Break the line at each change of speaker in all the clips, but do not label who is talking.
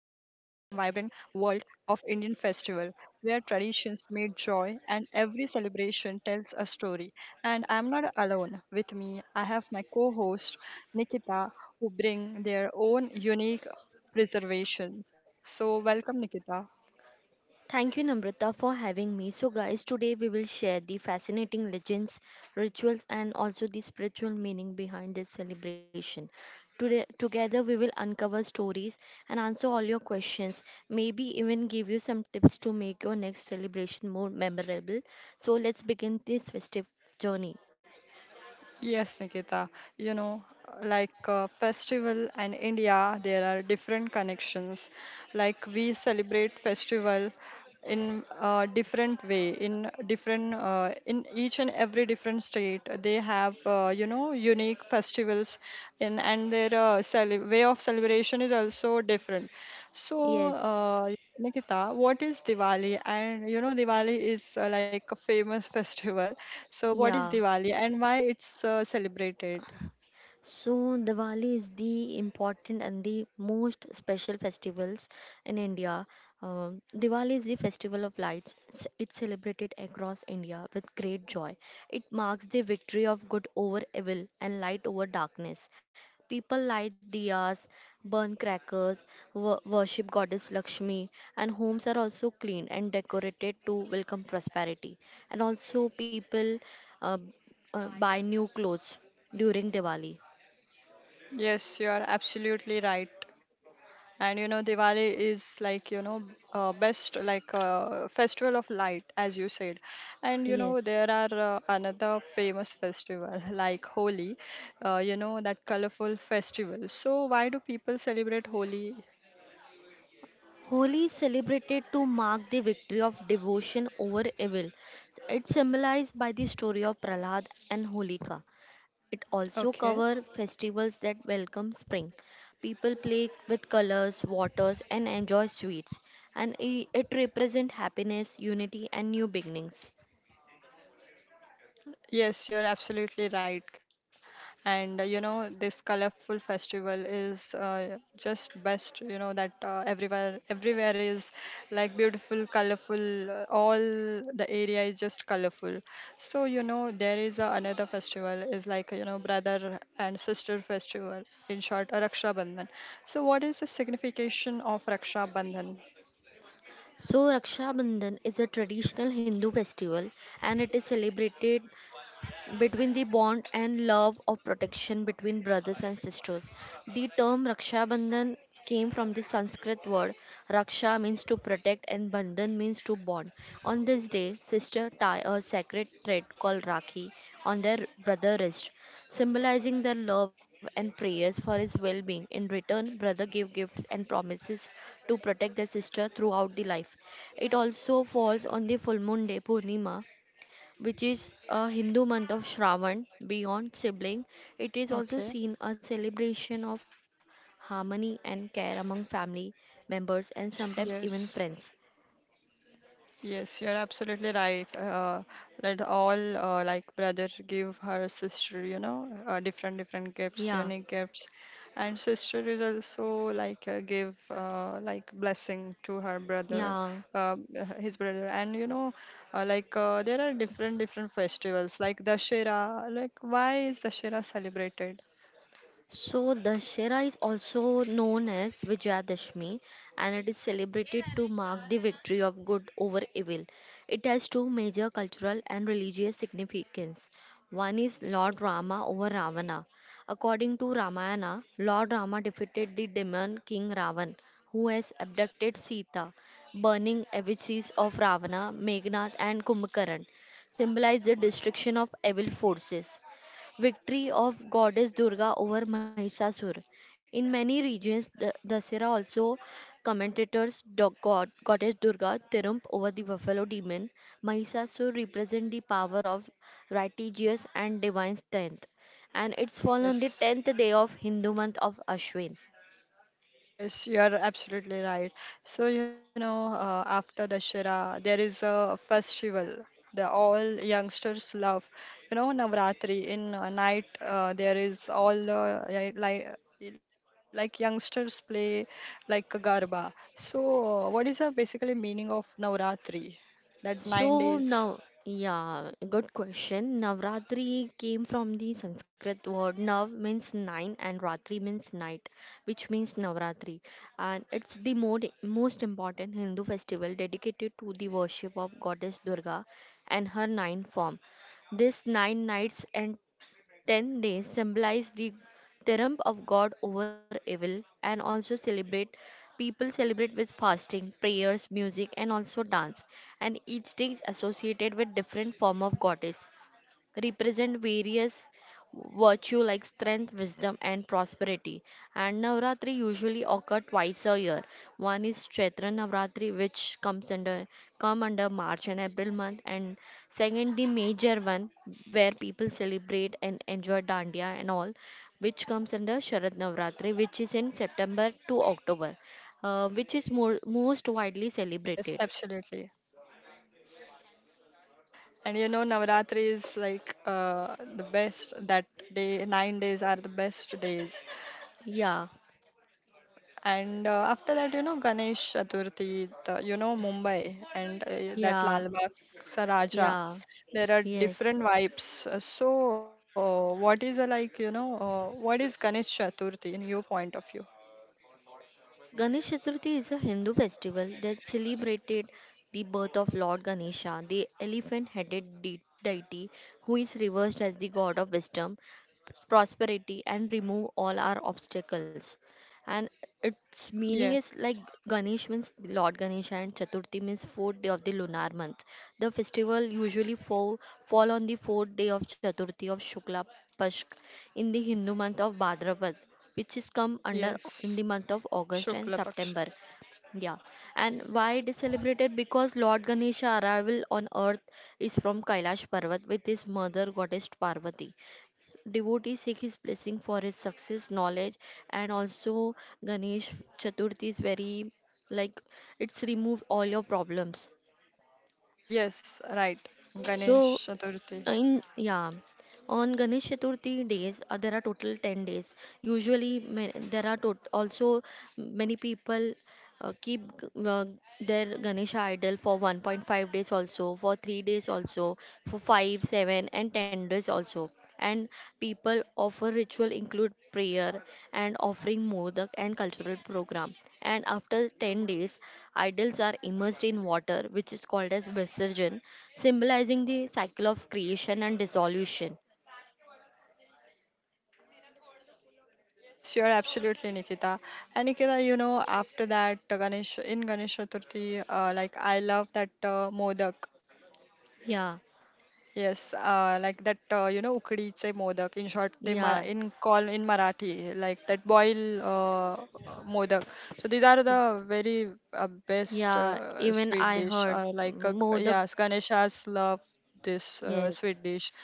and vibrant world of Indian festival, where traditions meet joy and every celebration tells a story. And I am not alone. With me, I have my co-host, Nikita, who bring their own unique preservations. So welcome, Nikita.
Thank you, Namrata, for having me. So, guys, today we will share the fascinating legends, rituals, and also the spiritual meaning behind this celebration. Today, together, we will uncover stories and answer all your questions. Maybe even give you some tips to make your next celebration more memorable. So, let's begin this festive journey.
Yes, Nikita. You know, festival and India, there are different connections. Like we celebrate festival in a different way, in different, in each and every different state. They have, you know, unique festivals, and their way of celebration is also different. So,
Yes,
Nikita, what is Diwali? And you know, Diwali is like a famous festival. So, what is
yeah.
Diwali and why it's celebrated?
So Diwali is the important and the most special festivals in India. Diwali is the festival of lights. It's celebrated across India with great joy. It marks the victory of good over evil and light over darkness. People light diyas, burn crackers, worship goddess Lakshmi, and homes are also cleaned and decorated to welcome prosperity. And also people uh, buy new clothes during Diwali.
Yes, you are absolutely right. And you know, Diwali is like, you know, best festival of light, as you said. And you know,
Yes.
there are another famous festival like Holi, you know, that colorful festival. So, why do people celebrate Holi?
Holi is celebrated to mark the victory of devotion over evil. It's symbolized by the story of Prahlad and Holika. It also
Okay.
covers festivals that welcome spring. People play with colors, waters, and enjoy sweets. And it represents happiness, unity, and new beginnings.
Yes, you're absolutely right. And you know, this colorful festival is just best, you know, that uh, everywhere is like beautiful, colorful, all the area is just colorful. So, you know, there is another festival is like, you know, brother and sister festival, in short, Raksha Bandhan. So, what is the signification of Raksha Bandhan?
So, Raksha Bandhan is a traditional Hindu festival and it is celebrated between the bond and love of protection between brothers and sisters. The term Raksha Bandhan came from the Sanskrit word Raksha means to protect and Bandhan means to bond. On this day, sisters tie a sacred thread called Rakhi on their brother's wrist, symbolizing their love and prayers for his well-being. In return, brother give gifts and promises to protect their sister throughout the life. It also falls on the full moon day Purnima, which is a Hindu month of Shravan, beyond sibling. It is
Okay.
also seen a celebration of harmony and care among family members and sometimes even
Yes.
friends.
Yes, you're absolutely right. That all like brother give her sister, you know, different different
Yeah,
gifts, unique gifts, and sister is also give like blessing to her brother,
yeah.
uh, his brother, and you know, there are different different festivals like Dashera. Like why is Dashera celebrated?
So, Dashera is also known as Vijayadashmi and it is celebrated to mark the victory of good over evil. It has two major cultural and religious significance. One is Lord Rama over Ravana. According to Ramayana, Lord Rama defeated the demon king Ravan, who has abducted Sita, burning effigies of Ravana, Meghnath, and Kumbhakarna, symbolize the destruction of evil forces victory of goddess Durga over Mahisasur. In many regions, the Dasera also commentators dog god, goddess Durga triumph over the buffalo demon. Mahisasur represents the power of righteousness and divine strength, and it's fall on the
Yes.
10th day of Hindu month of Ashwin.
Yes, you are absolutely right. So, you know, after Dashera, there is a festival the all youngsters love. You know, Navratri in night, there is all yeah, like youngsters play like a garba. So, what is the basically meaning of Navratri? That nine
So
days.
now, yeah, good question. Navratri came from the Sanskrit word nav means nine and ratri means night, which means Navratri. And it's the most important Hindu festival dedicated to the worship of goddess Durga and her nine form. This 9 nights and 10 days symbolize the triumph of God over evil and also celebrate people celebrate with fasting, prayers, music and also dance and each day is associated with different form of goddess represent various virtue like strength, wisdom, and prosperity. And Navratri usually occur twice a year. One is Chaitra Navratri, which comes under March and April month, and second the major one where people celebrate and enjoy Dandiya and all, which comes under Sharad Navratri, which is in September to October, which is most widely
Yes,
celebrated.
absolutely. And you know, Navratri is the best that day, 9 days are the best days.
Yeah,
And after that, you know, Ganesh Chaturthi, the, you know, Mumbai and that
yeah,
Lal Bagh Sa Raja.
yeah.
There are
Yes.
different vibes. So, what is like, you know, what is Ganesh Chaturthi in your point of view?
Ganesh Chaturthi is a Hindu festival that celebrated the birth of Lord Ganesha, the elephant headed deity who is reversed as the god of wisdom, prosperity, and remove all our obstacles and its meaning
Yes,
is like Ganesh means Lord Ganesha and Chaturthi means fourth day of the lunar month. The festival usually fall on the fourth day of Chaturthi of Shukla Pashk in the Hindu month of Bhadrapad, which is come under
yes.
in the month of August and
Shukla Paksha.
September. Yeah, and why it is celebrated? Because Lord Ganesha arrival on earth is from Kailash Parvat with his mother goddess Parvati. Devotee seek his blessing for his success, knowledge, and also Ganesh Chaturthi is very like it's remove all your problems.
Yes, right. Ganesh
So
Chaturthi.
in yeah, on Ganesh Chaturthi days, there are total 10 days. There are also many people uh, keep g- uh, their ganesha idol for 1.5 days also for 3 days also for 5 7 and 10 days also and people offer ritual include prayer and offering modak and cultural program and after 10 days idols are immersed in water which is called as visarjan symbolizing the cycle of creation and dissolution.
Yes, you are absolutely Nikita. And Nikita, you know, after that, Ganesh in Ganesh Chaturthi, like I love that modak.
Yeah,
Yes, like that, you know, ukhdीचे modak. In short, they mar
yeah,
in call in Marathi, like that boil modak. So these are the
y-
very best
yeah, even
sweet
I
dish.
heard modak.
Yes, Ganesha's love this
Yes,
sweet dish,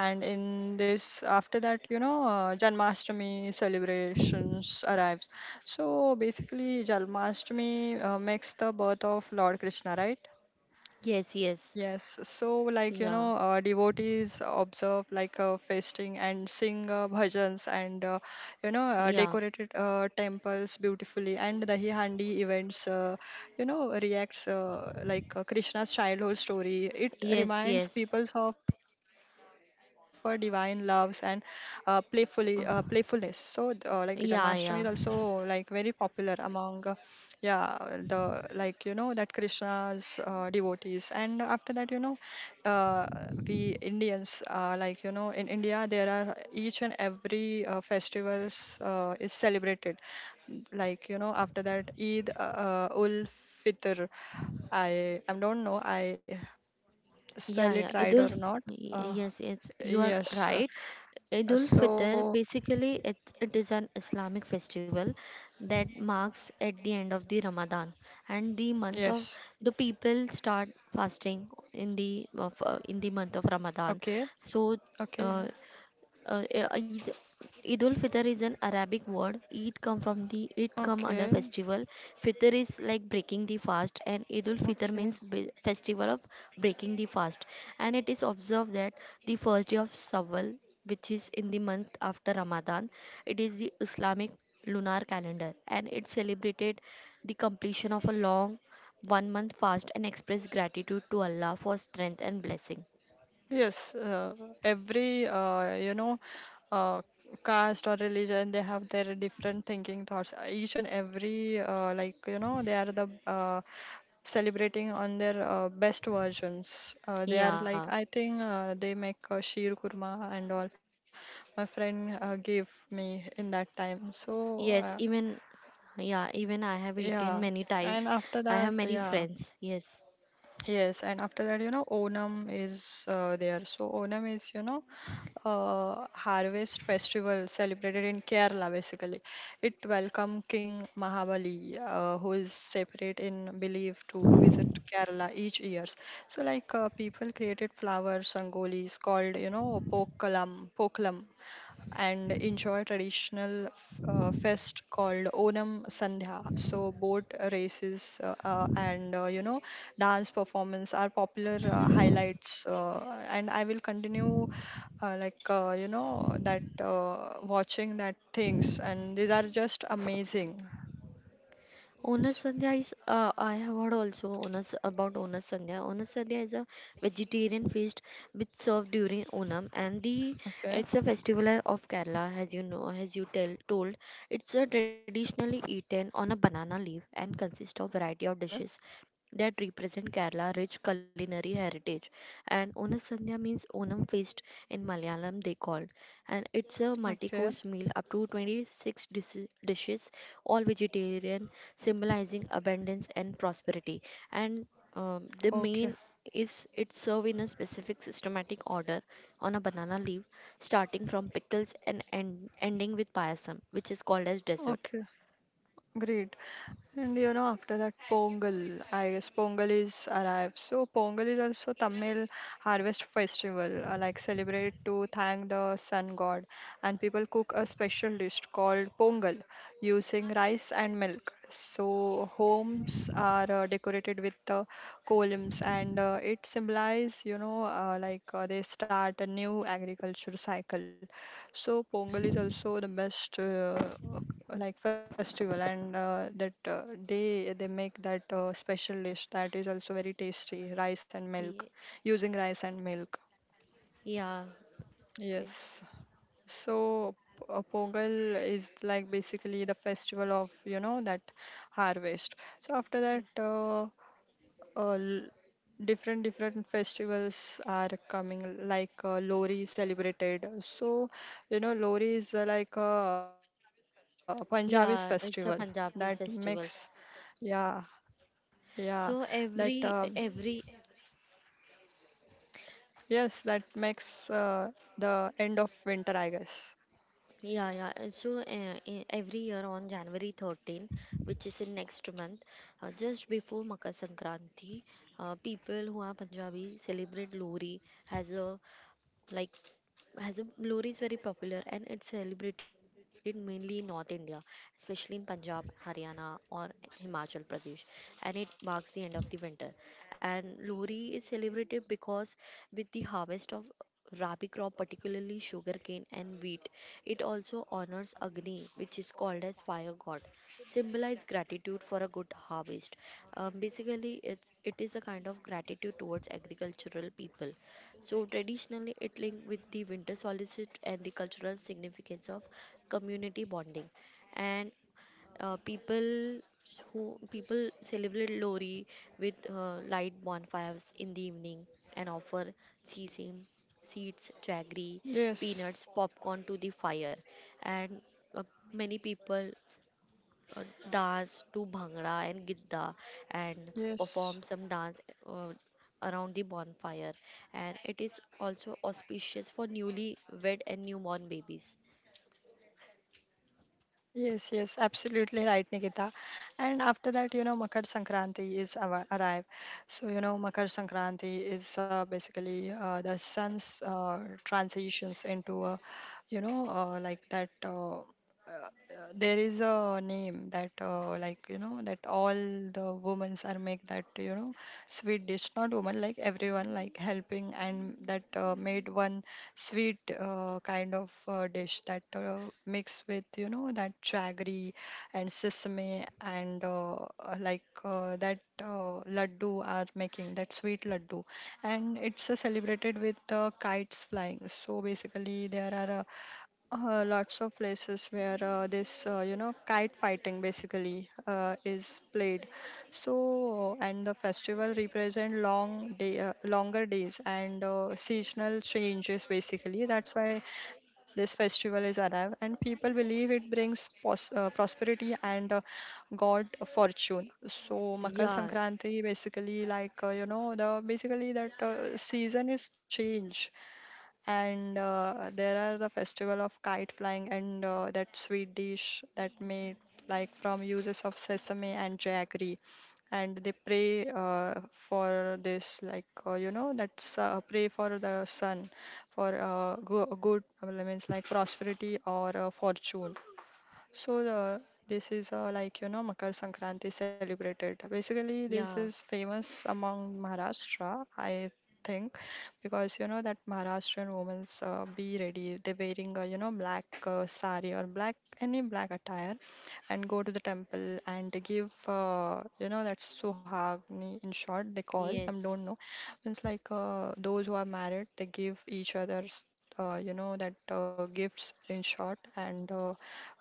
and in this after that, you know, Janmashtami celebrations arrives. So basically, Janmashtami makes the birth of Lord Krishna, right?
yes, yes.
Yes, so like you
Yeah,
know, devotees observe fasting and sing bhajans and you know
yeah,
decorated temples beautifully and the handi events you know reacts Krishna's childhood story. It
yes,
reminds
yes.
people of divine loves and playfully playfulness.
Uh,
So like Janmashtami is
yeah,
also
yeah,
like very popular among. Yeah, the like you know that Krishna's devotees, and after that you know, uh, we Indians like you know in India there are each and every festivals is celebrated, like you know after that Eid Ul Fitr, I don't know I spell
yeah,
it
yeah.
right or
Idul,
not. Uh,
yes, yes, you are
yes, uh,
right. Idul
so
Fitr, basically, it is an Islamic festival that marks at the end of the Ramadan and the month
yes,
of the people start fasting in the month of Ramadan.
okay,
So,
okay,
uh, uh, uh, Eid Eid ul Fitr is an Arabic word. Eid come from the it come under
okay,
festival. Fitr is like breaking the fast, and Eid ul Fitr
okay.
means festival of breaking the fast. And it is observed that the first day of Shawwal, which is in the month after Ramadan, it is the Islamic lunar calendar, and it celebrated the completion of a long 1 month fast and expressed gratitude to Allah for strength and blessing.
Yes, every you know uh, caste or religion they have their different thinking thoughts. Each and every like you know they are the celebrating on their best versions. They are like
Yeah.
I think they make sheer kurma and all. My friend gave me in that time. So
Yes, even I have eaten
yeah,
many
and
times.
after
I
that
have many
yeah.
friends. Yes.
Yes, and after that, you know, Onam is there. So Onam is, you know, harvest festival celebrated in Kerala basically. It welcomes King Mahabali, who is separate in belief to visit Kerala each year. So people created flower rangolis called, you know, pokalam and enjoy traditional fest called Onam Sandhya. So boat races and you know dance performance are popular highlights. And I will continue you know that watching that things and these are just amazing.
Onas
S-
Sandhya is, I have heard also Onas about Onas Sandhya. Onas Sandhya is a vegetarian feast which served during Onam and the
Okay,
it's a festival of Kerala as you know as you tell told. It's traditionally eaten on a banana leaf and consists of variety of
okay,
dishes that represent Kerala rich culinary heritage. And Onasandhya means Onam feast in Malayalam they call. And it's a
okay,
multi-course meal up to 26 dishes, all vegetarian symbolizing abundance and prosperity. And the main
okay,
is it's served in a specific systematic order on a banana leaf, starting from pickles and ending with payasam, which is called as dessert.
okay. Great. And you know, after that, Pongal. I guess Pongal is arrived. So Pongal is also Tamil harvest festival, like celebrate to thank the sun god. And people cook a special dish called Pongal using rice and milk. So homes are decorated with columns, and it symbolizes, you know, they start a new agriculture cycle. So Pongal is also the best festival and that uh, they make that special dish that is also very tasty rice and milk
Ye-
using rice and milk,
Yeah,
yes.
it-
So pongal is like basically the festival of you know that harvest. So after that, uh, different different festivals are coming like Lohri is celebrated. So you know Lohri is like a Punjabi's festival
yeah,
that
it's a
makes,
Punjabi festival.
yeah, yeah, that
So every
yes, that makes the end of winter, I guess.
Yeah, yeah. So in every year on January 13, which is in next month, just before Makar Sankranti, people who are Punjabi celebrate Lori as a like lori is very popular and it's celebrated mainly in North India, especially in Punjab, Haryana, or Himachal Pradesh, and it marks the end of the winter. And lori is celebrated because with the harvest of rabi crop, particularly sugarcane and wheat, it also honors Agni, which is called as fire god, symbolize gratitude for a good harvest. Basically, it is a kind of gratitude towards agricultural people, so, traditionally, it linked with the winter solstice and the cultural significance of community bonding. And uh, people people celebrate Lori with light bonfires in the evening and offer sesame seeds, jaggery,
Yes,
peanuts, popcorn to the fire. And uh, many people dance to bhangra and gidda and
yes.
perform some dance uh, around the bonfire and it is also auspicious for newly wed and newborn babies.
Yes, yes, absolutely right, Nikita. And after that, you know, Makar Sankranti is our arrive. So, you know, Makar Sankranti is basically the sun's transitions into a, you know, like that. There is a name that, like, you know, that all the women are make that, you know, sweet dish. Not women, like everyone, like helping and that made one sweet kind of dish that mix with you know that jaggery and sesame and that laddu are making that sweet laddu, and it's celebrated with kites flying. So basically there are lots of places where this, you know, kite fighting basically is played. So, and the festival represent longer days and seasonal changes basically. That's why this festival is arrived, and people believe it brings prosperity and God fortune. So Makar
Yeah,
Sankranti basically you know the basically that season is change and there are the festival of kite flying and that sweet dish that made like from uses of sesame and jaggery, and they pray for this you know that's pray for the sun for good means like prosperity or fortune. So this is you know Makar Sankranti celebrated. Basically, this
yeah,
is famous among Maharashtra, I think, because you know that Maharashtrian women's be ready. They wearing you know black sari or black any black attire, and go to the temple and they give you know that's suhagni in short they call. I
yes,
don't know. Means those who are married they give each other's you know that gifts in short and. Uh,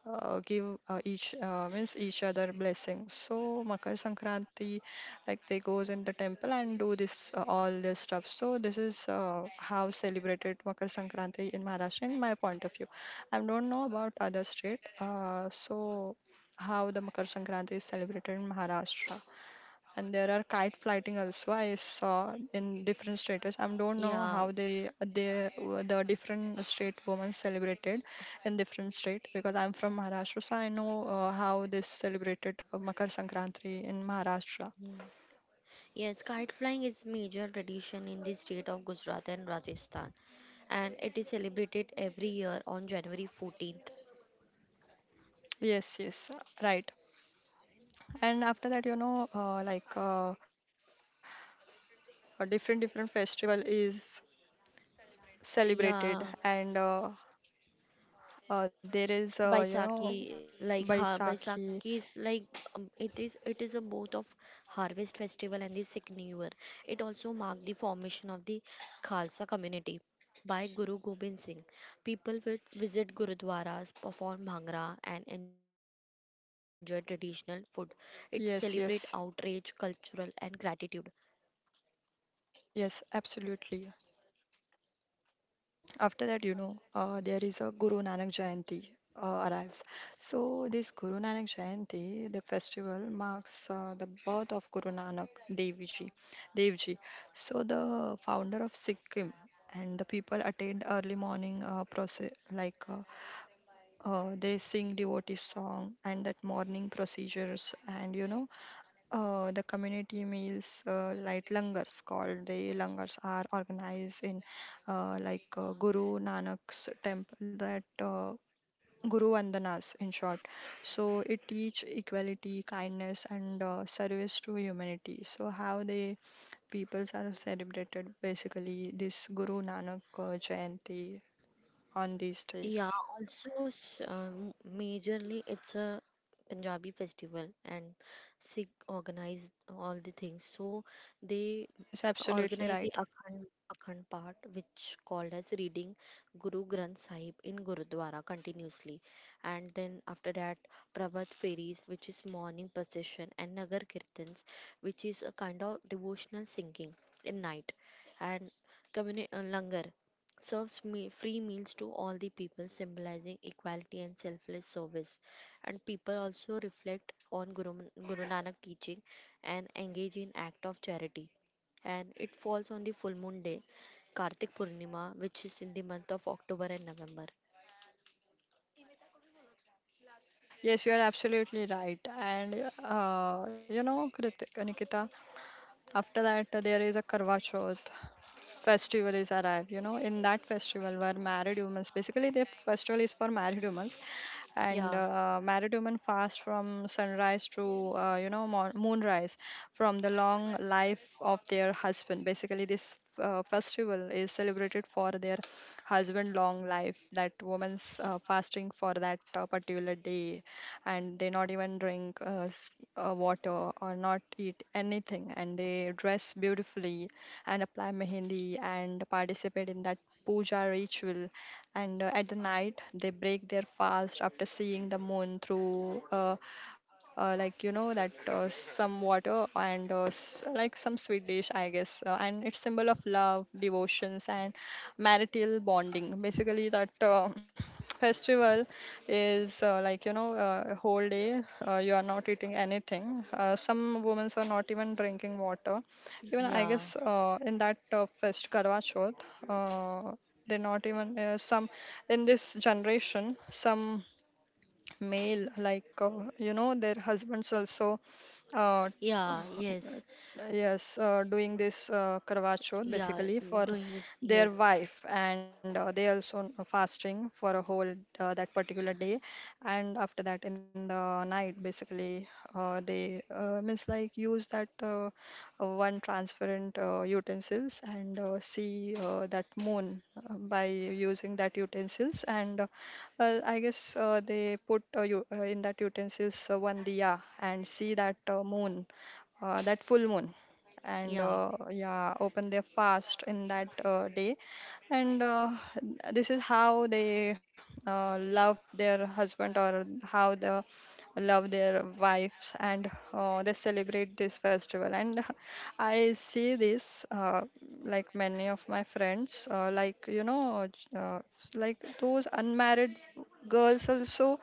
uh, Give each means each other blessings. So Makar Sankranti, like they goes in the temple and do this all this stuff. So this is how celebrated Makar Sankranti in Maharashtra, in my point of view. I don't know about other state. So how the Makar Sankranti is celebrated in Maharashtra, and there are kite flighting also I saw in different status. I don't know
yeah,
how they the different state women celebrated in different state, because I'm from Maharashtra, so I know how this celebrated Makar Sankranti in Maharashtra.
mm. Yes, kite flying is major tradition in the state of Gujarat and Rajasthan and it is celebrated every year on January 14th.
Yes, yes, right. And after that you know a different different festival is celebrated,
Yeah.
and there is you know
Baisakhi, Baisakhi
Baisakhi.
is like it is a both of harvest festival and the Sikh New Year. It also marked the formation of the Khalsa community by Guru Gobind Singh. People will visit gurudwaras, perform bhangra, and enjoy traditional food. It celebrate outrage,
Yes,
cultural,
yes,
and gratitude.
yes, absolutely. After that, you know, there is a Guru Nanak Jayanti arrives. So this Guru Nanak Jayanti, the festival marks the birth of Guru Nanak Dev Ji. Dev Ji. So the founder of Sikkim, and the people attend early morning process like they sing devotee song and that morning procedures, and you know the community meals, like langars called the langars, are organized in Guru Nanak's temple, that Guru Vandanas in short. So it teach equality, kindness, and service to humanity. So how the peoples are celebrated basically this Guru Nanak Jayanti on these
Yeah,
days.
also majorly it's a Punjabi festival and Sikh organize all the things. So they
Yes,
organize
absolutely
the
right.
Akhand, part, which called as reading Guru Granth Sahib in Gurudwara continuously. And then after that, Prabhat Fairies, which is morning procession, and Nagar Kirtans, which is a kind of devotional singing in night. And Langar serves free meals to all the people, symbolizing equality and selfless service. And people also reflect on Guru Nanak teaching and engage in act of charity and it falls on the full moon day, Kartik Purnima, which is in the month of October and November.
Yes, you are absolutely right. And you know, Kritika, Nikita, after that, there is a Karwa Chauth festival is arrived. You know, in that festival where married humans, basically the festival is for married humans, and
Yeah,
uh, married women fast from sunrise to you know moonrise from the long life of their husband. Basically, this festival is celebrated for their husband long life. That woman's fasting for that particular day, and they not even drink. Water or not eat anything, and they dress beautifully and apply mehendi and participate in that puja ritual, and at the night they break their fast after seeing the moon through like you know that some water and like some sweet dish, I guess, and it's symbol of love devotions and marital bonding, basically that festival is, a whole day you are not eating anything, some women are not even drinking water, even I
yeah,
guess, in that fest karwa chauth, uh, they're not even, some, in this generation some male, you know their husbands also, uh,
yeah, yes,
yes, doing this Karwa Chauth
yeah,
basically for
doing this,
their
yes,
wife, and they also fasting for a whole, that particular day, and after that in the night basically they, means like use that, one transparent utensils and see that moon by using that utensils, and I guess they put, you in that utensils one diya and see that moon, that full moon, and
yeah,
uh, yeah open their fast in that day, and this is how they love their husband or how they love their wives, and they celebrate this festival. And I see this, like many of my friends, like those unmarried girls also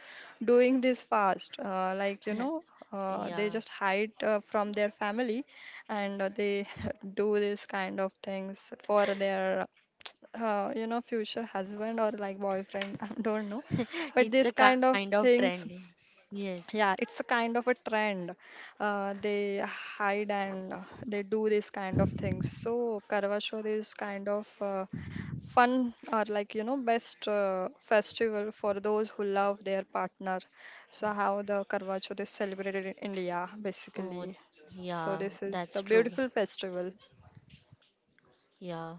doing this fast, they
yeah.
just hide from their family, and they do this kind of things for their you know future husband or like boyfriend. I don't know, but
It's a
this kind
kind
of
of trend.
things,
Yes.
yeah, it's a kind of a trend. They hide and they do this kind of things. So karwa chauth is kind of fun, or like you know best festival for those who love their partner. So how the karwa chauth is celebrated in India basically.
Oh,
So
yeah,
this is the
that's true.
beautiful festival.
Yeah,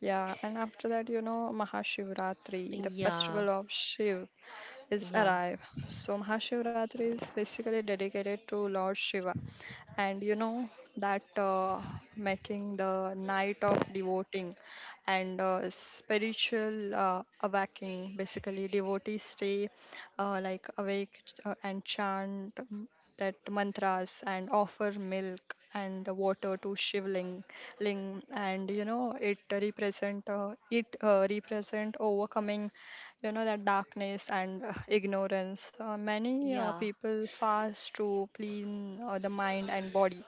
Yeah, and after that you know mahashivratri, the
yeah,
festival of shiv is
yeah,
arrive. So Mahashivratri is basically dedicated to Lord Shiva, and you know that making the night of devoting and spiritual awakening. Basically, devotees stay like awake and chant that mantras and offer milk and water to shivling ling, and you know it represent, it represent overcoming you know that darkness and ignorance. Many
yeah,
people fast to clean the mind and body,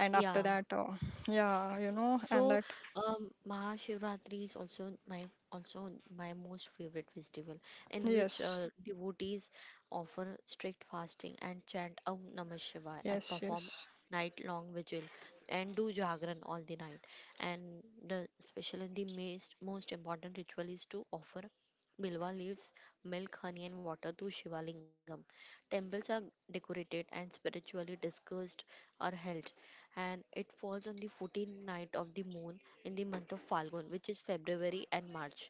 and after
yeah.
that yeah you know and
So,
that,
Mahashivratri is also my most favorite festival, in which
yes,
devotees offer strict fasting and chant Om Namah Shivaya and
yes,
perform
yes.
night-long vigil and do jagran all the night. And the especially the most important ritual is to offer bilwa leaves, milk, honey, and water to Shivalingam. Temples are decorated and spiritually discussed are held and it falls on the 14th night of the moon in the month of Falgun, which is February and March.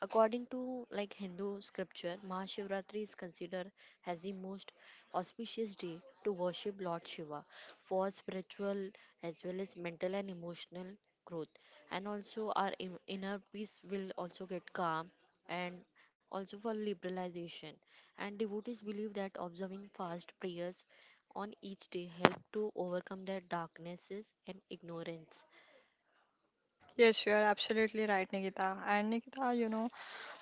According to like Hindu scripture, Mahashivratri is considered as the most auspicious day to worship Lord Shiva for spiritual as well as mental and emotional growth. And also our inner peace will also get calm and also for liberalization. And devotees believe that observing fast prayers on each day help to overcome their darknesses and ignorance.
Yes, you are absolutely right, Nikita. And Nikita, you know,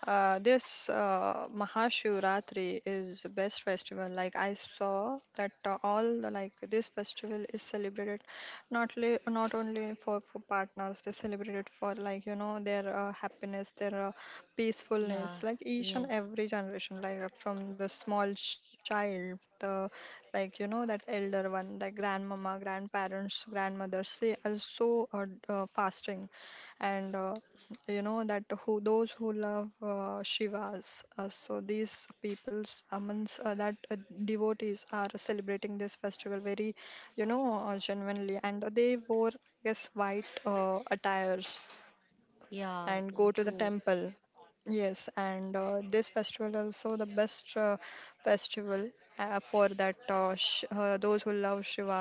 this Mahashivratri is the best festival. Like I saw that all the, like this festival is celebrated not only for partners, they celebrate it for like you know their happiness, their
Yeah,
peacefulness. Like each and
yes.
every generation, from the small child, the, like you know that elder one, like grandmama, grandparents, grandmothers, they also are so, fasting and you know that who those who love Shivas, so these peoples amongst that devotees are celebrating this festival very, you know, genuinely, and they wore, yes, white attires
Yeah,
and go
mm,
to the
true.
temple. Yes, and this festival also the best festival for that sh those who love Shiva.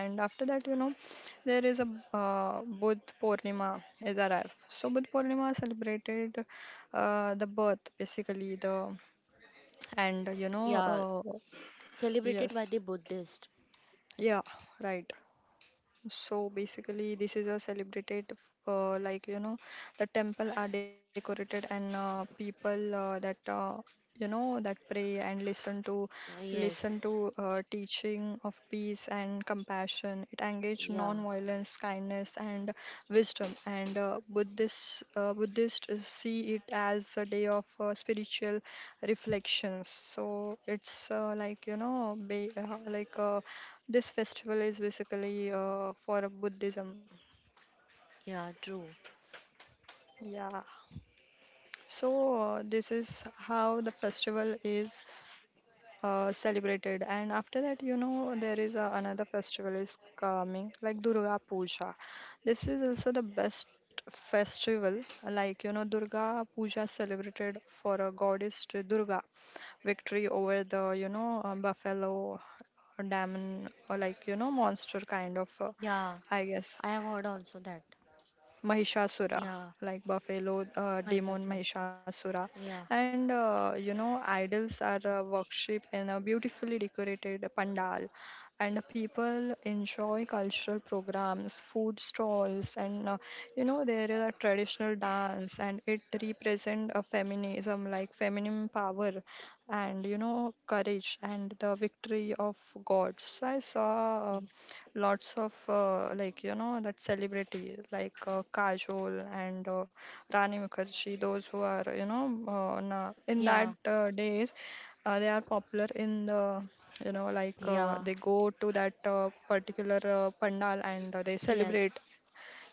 And after that, you know, there is a, Budh Purnima is arrived. So Budh Purnima celebrated the birth, basically the, and you know,
Yeah,
uh,
celebrated by
yes,
the Buddhist.
yeah, right. So basically, this is a celebrated, uh, like you know, the temple are decorated and people that you know that pray and listen
Yes.
to teaching of peace and compassion. It engages
Yeah.
non-violence, kindness, and wisdom. And Buddhists see it as a day of spiritual reflections. So it's, this festival is basically for a Buddhism.
Yeah. True.
Yeah. So this is how the festival is celebrated. And after that, you know, there is another festival is coming, like Durga Puja. This is also the best festival. Like, you know, Durga Puja celebrated for a goddess to Durga, victory over the, you know, buffalo, demon, or like, you know, monster kind of,
Yeah.
I guess.
I have heard also that.
Mahishasura,
Yeah.
like buffalo demon
Mahishasur.
Mahishasura.
Yeah.
And you know, idols are worshipped in a beautifully decorated pandal, and people enjoy cultural programs, food stalls, and you know, there is a traditional dance, and it represent a feminism, like feminine power, and you know, courage and the victory of gods. So I saw.
y-
Lots of like you know that celebrity like Kajol and Rani Mukherjee those who are you know in
Yeah.
that days, they are popular in the, you know,
Yeah.
they go to that particular pandal and they celebrate,
Yes.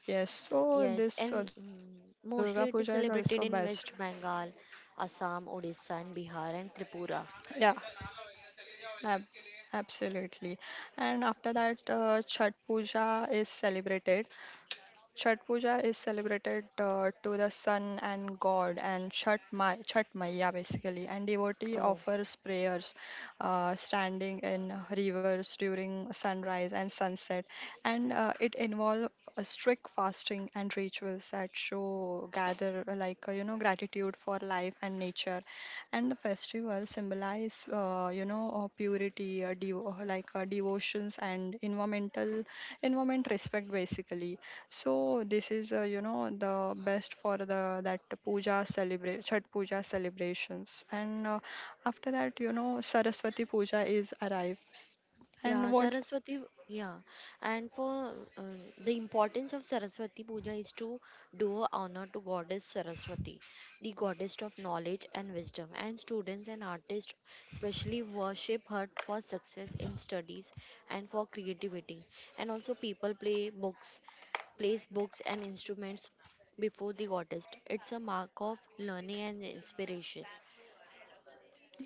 yes, so
Yes.
this
And
Durga Puja is also
mostly it is
best.
celebrated in West Bengal, Assam, Odisha, and Bihar and
Yeah,
Tripura.
ab- absolutely. And after that Chhat Puja is celebrated to the sun and God and Chhat Ma Chhat Maiya basically, and devotee
Oh.
offers prayers standing in rivers during sunrise and sunset, and it involves strict fasting and rituals that show gather, you know gratitude for life and nature, and the festival symbolize you know purity, devotions and environmental environment respect basically. So this is, you know, the best for the that puja celebrate Chhat puja celebrations, and after that you know Saraswati puja is arrives.
Yeah,
And what,
Saraswati, yeah. And for uh, the importance of Saraswati Puja is to do honor to Goddess Saraswati, the goddess of knowledge and wisdom. And students and artists especially worship her for success in studies and for creativity. And also people play books, place books and instruments before the goddess. It's a mark of learning and inspiration.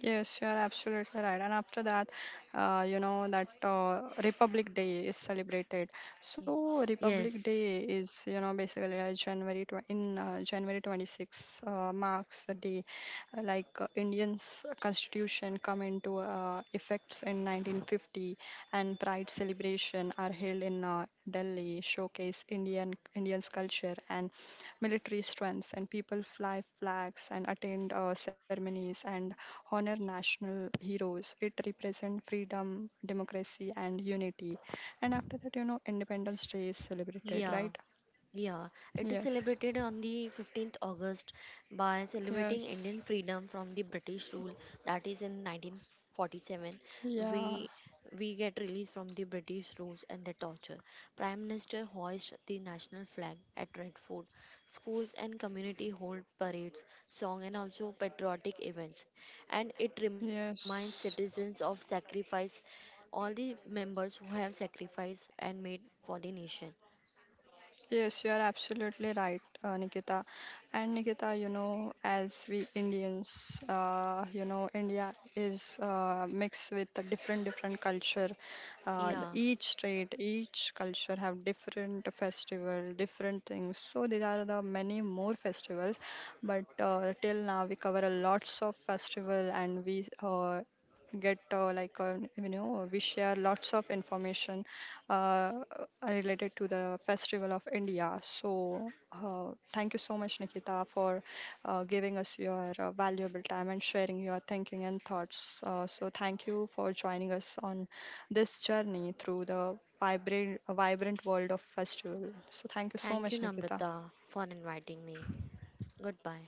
yes, you're absolutely right. And after that, you know, that Republic Day is celebrated. So Republic
Yes.
Day is, you know, basically January tw in January 26 marks the day Indians Constitution come into effects in 1950, and Pride celebration are held in Delhi, showcase Indian Indians culture and military strengths, and people fly flags and attend ceremonies and honor national heroes. It represents freedom, democracy, and unity. And after that, you know, Independence Day is celebrated,
Yeah.
right?
Yeah, it is
Yes,
celebrated on the 15th August by celebrating Indian
yes,
freedom from the British rule that is in 1947 we
yeah,
we get released from the British rules and the torture. Prime Minister hoists the national flag at Red Fort. Schools and community hold parades, song and also patriotic events and it reminds citizens
yes.
of sacrifice all the members who have sacrificed and made for the nation.
Yes, you are absolutely right, Nikita. And Nikita, you know, as we Indians, you know, India is mixed with a different different culture.
Yeah.
Each state, each culture have different festival, different things. So there are the many more festivals, but till now we cover a lots of festival, and we get like you know we share lots of information uh, related to the Festival of India. So, thank you so much, Nikita, for giving us your valuable time and sharing your thinking and thoughts. So, thank you for joining us on this journey through the vibrant, vibrant world of festival. So, thank you so
Thank you,
much, Nikita.
Namrata, for inviting me. Goodbye.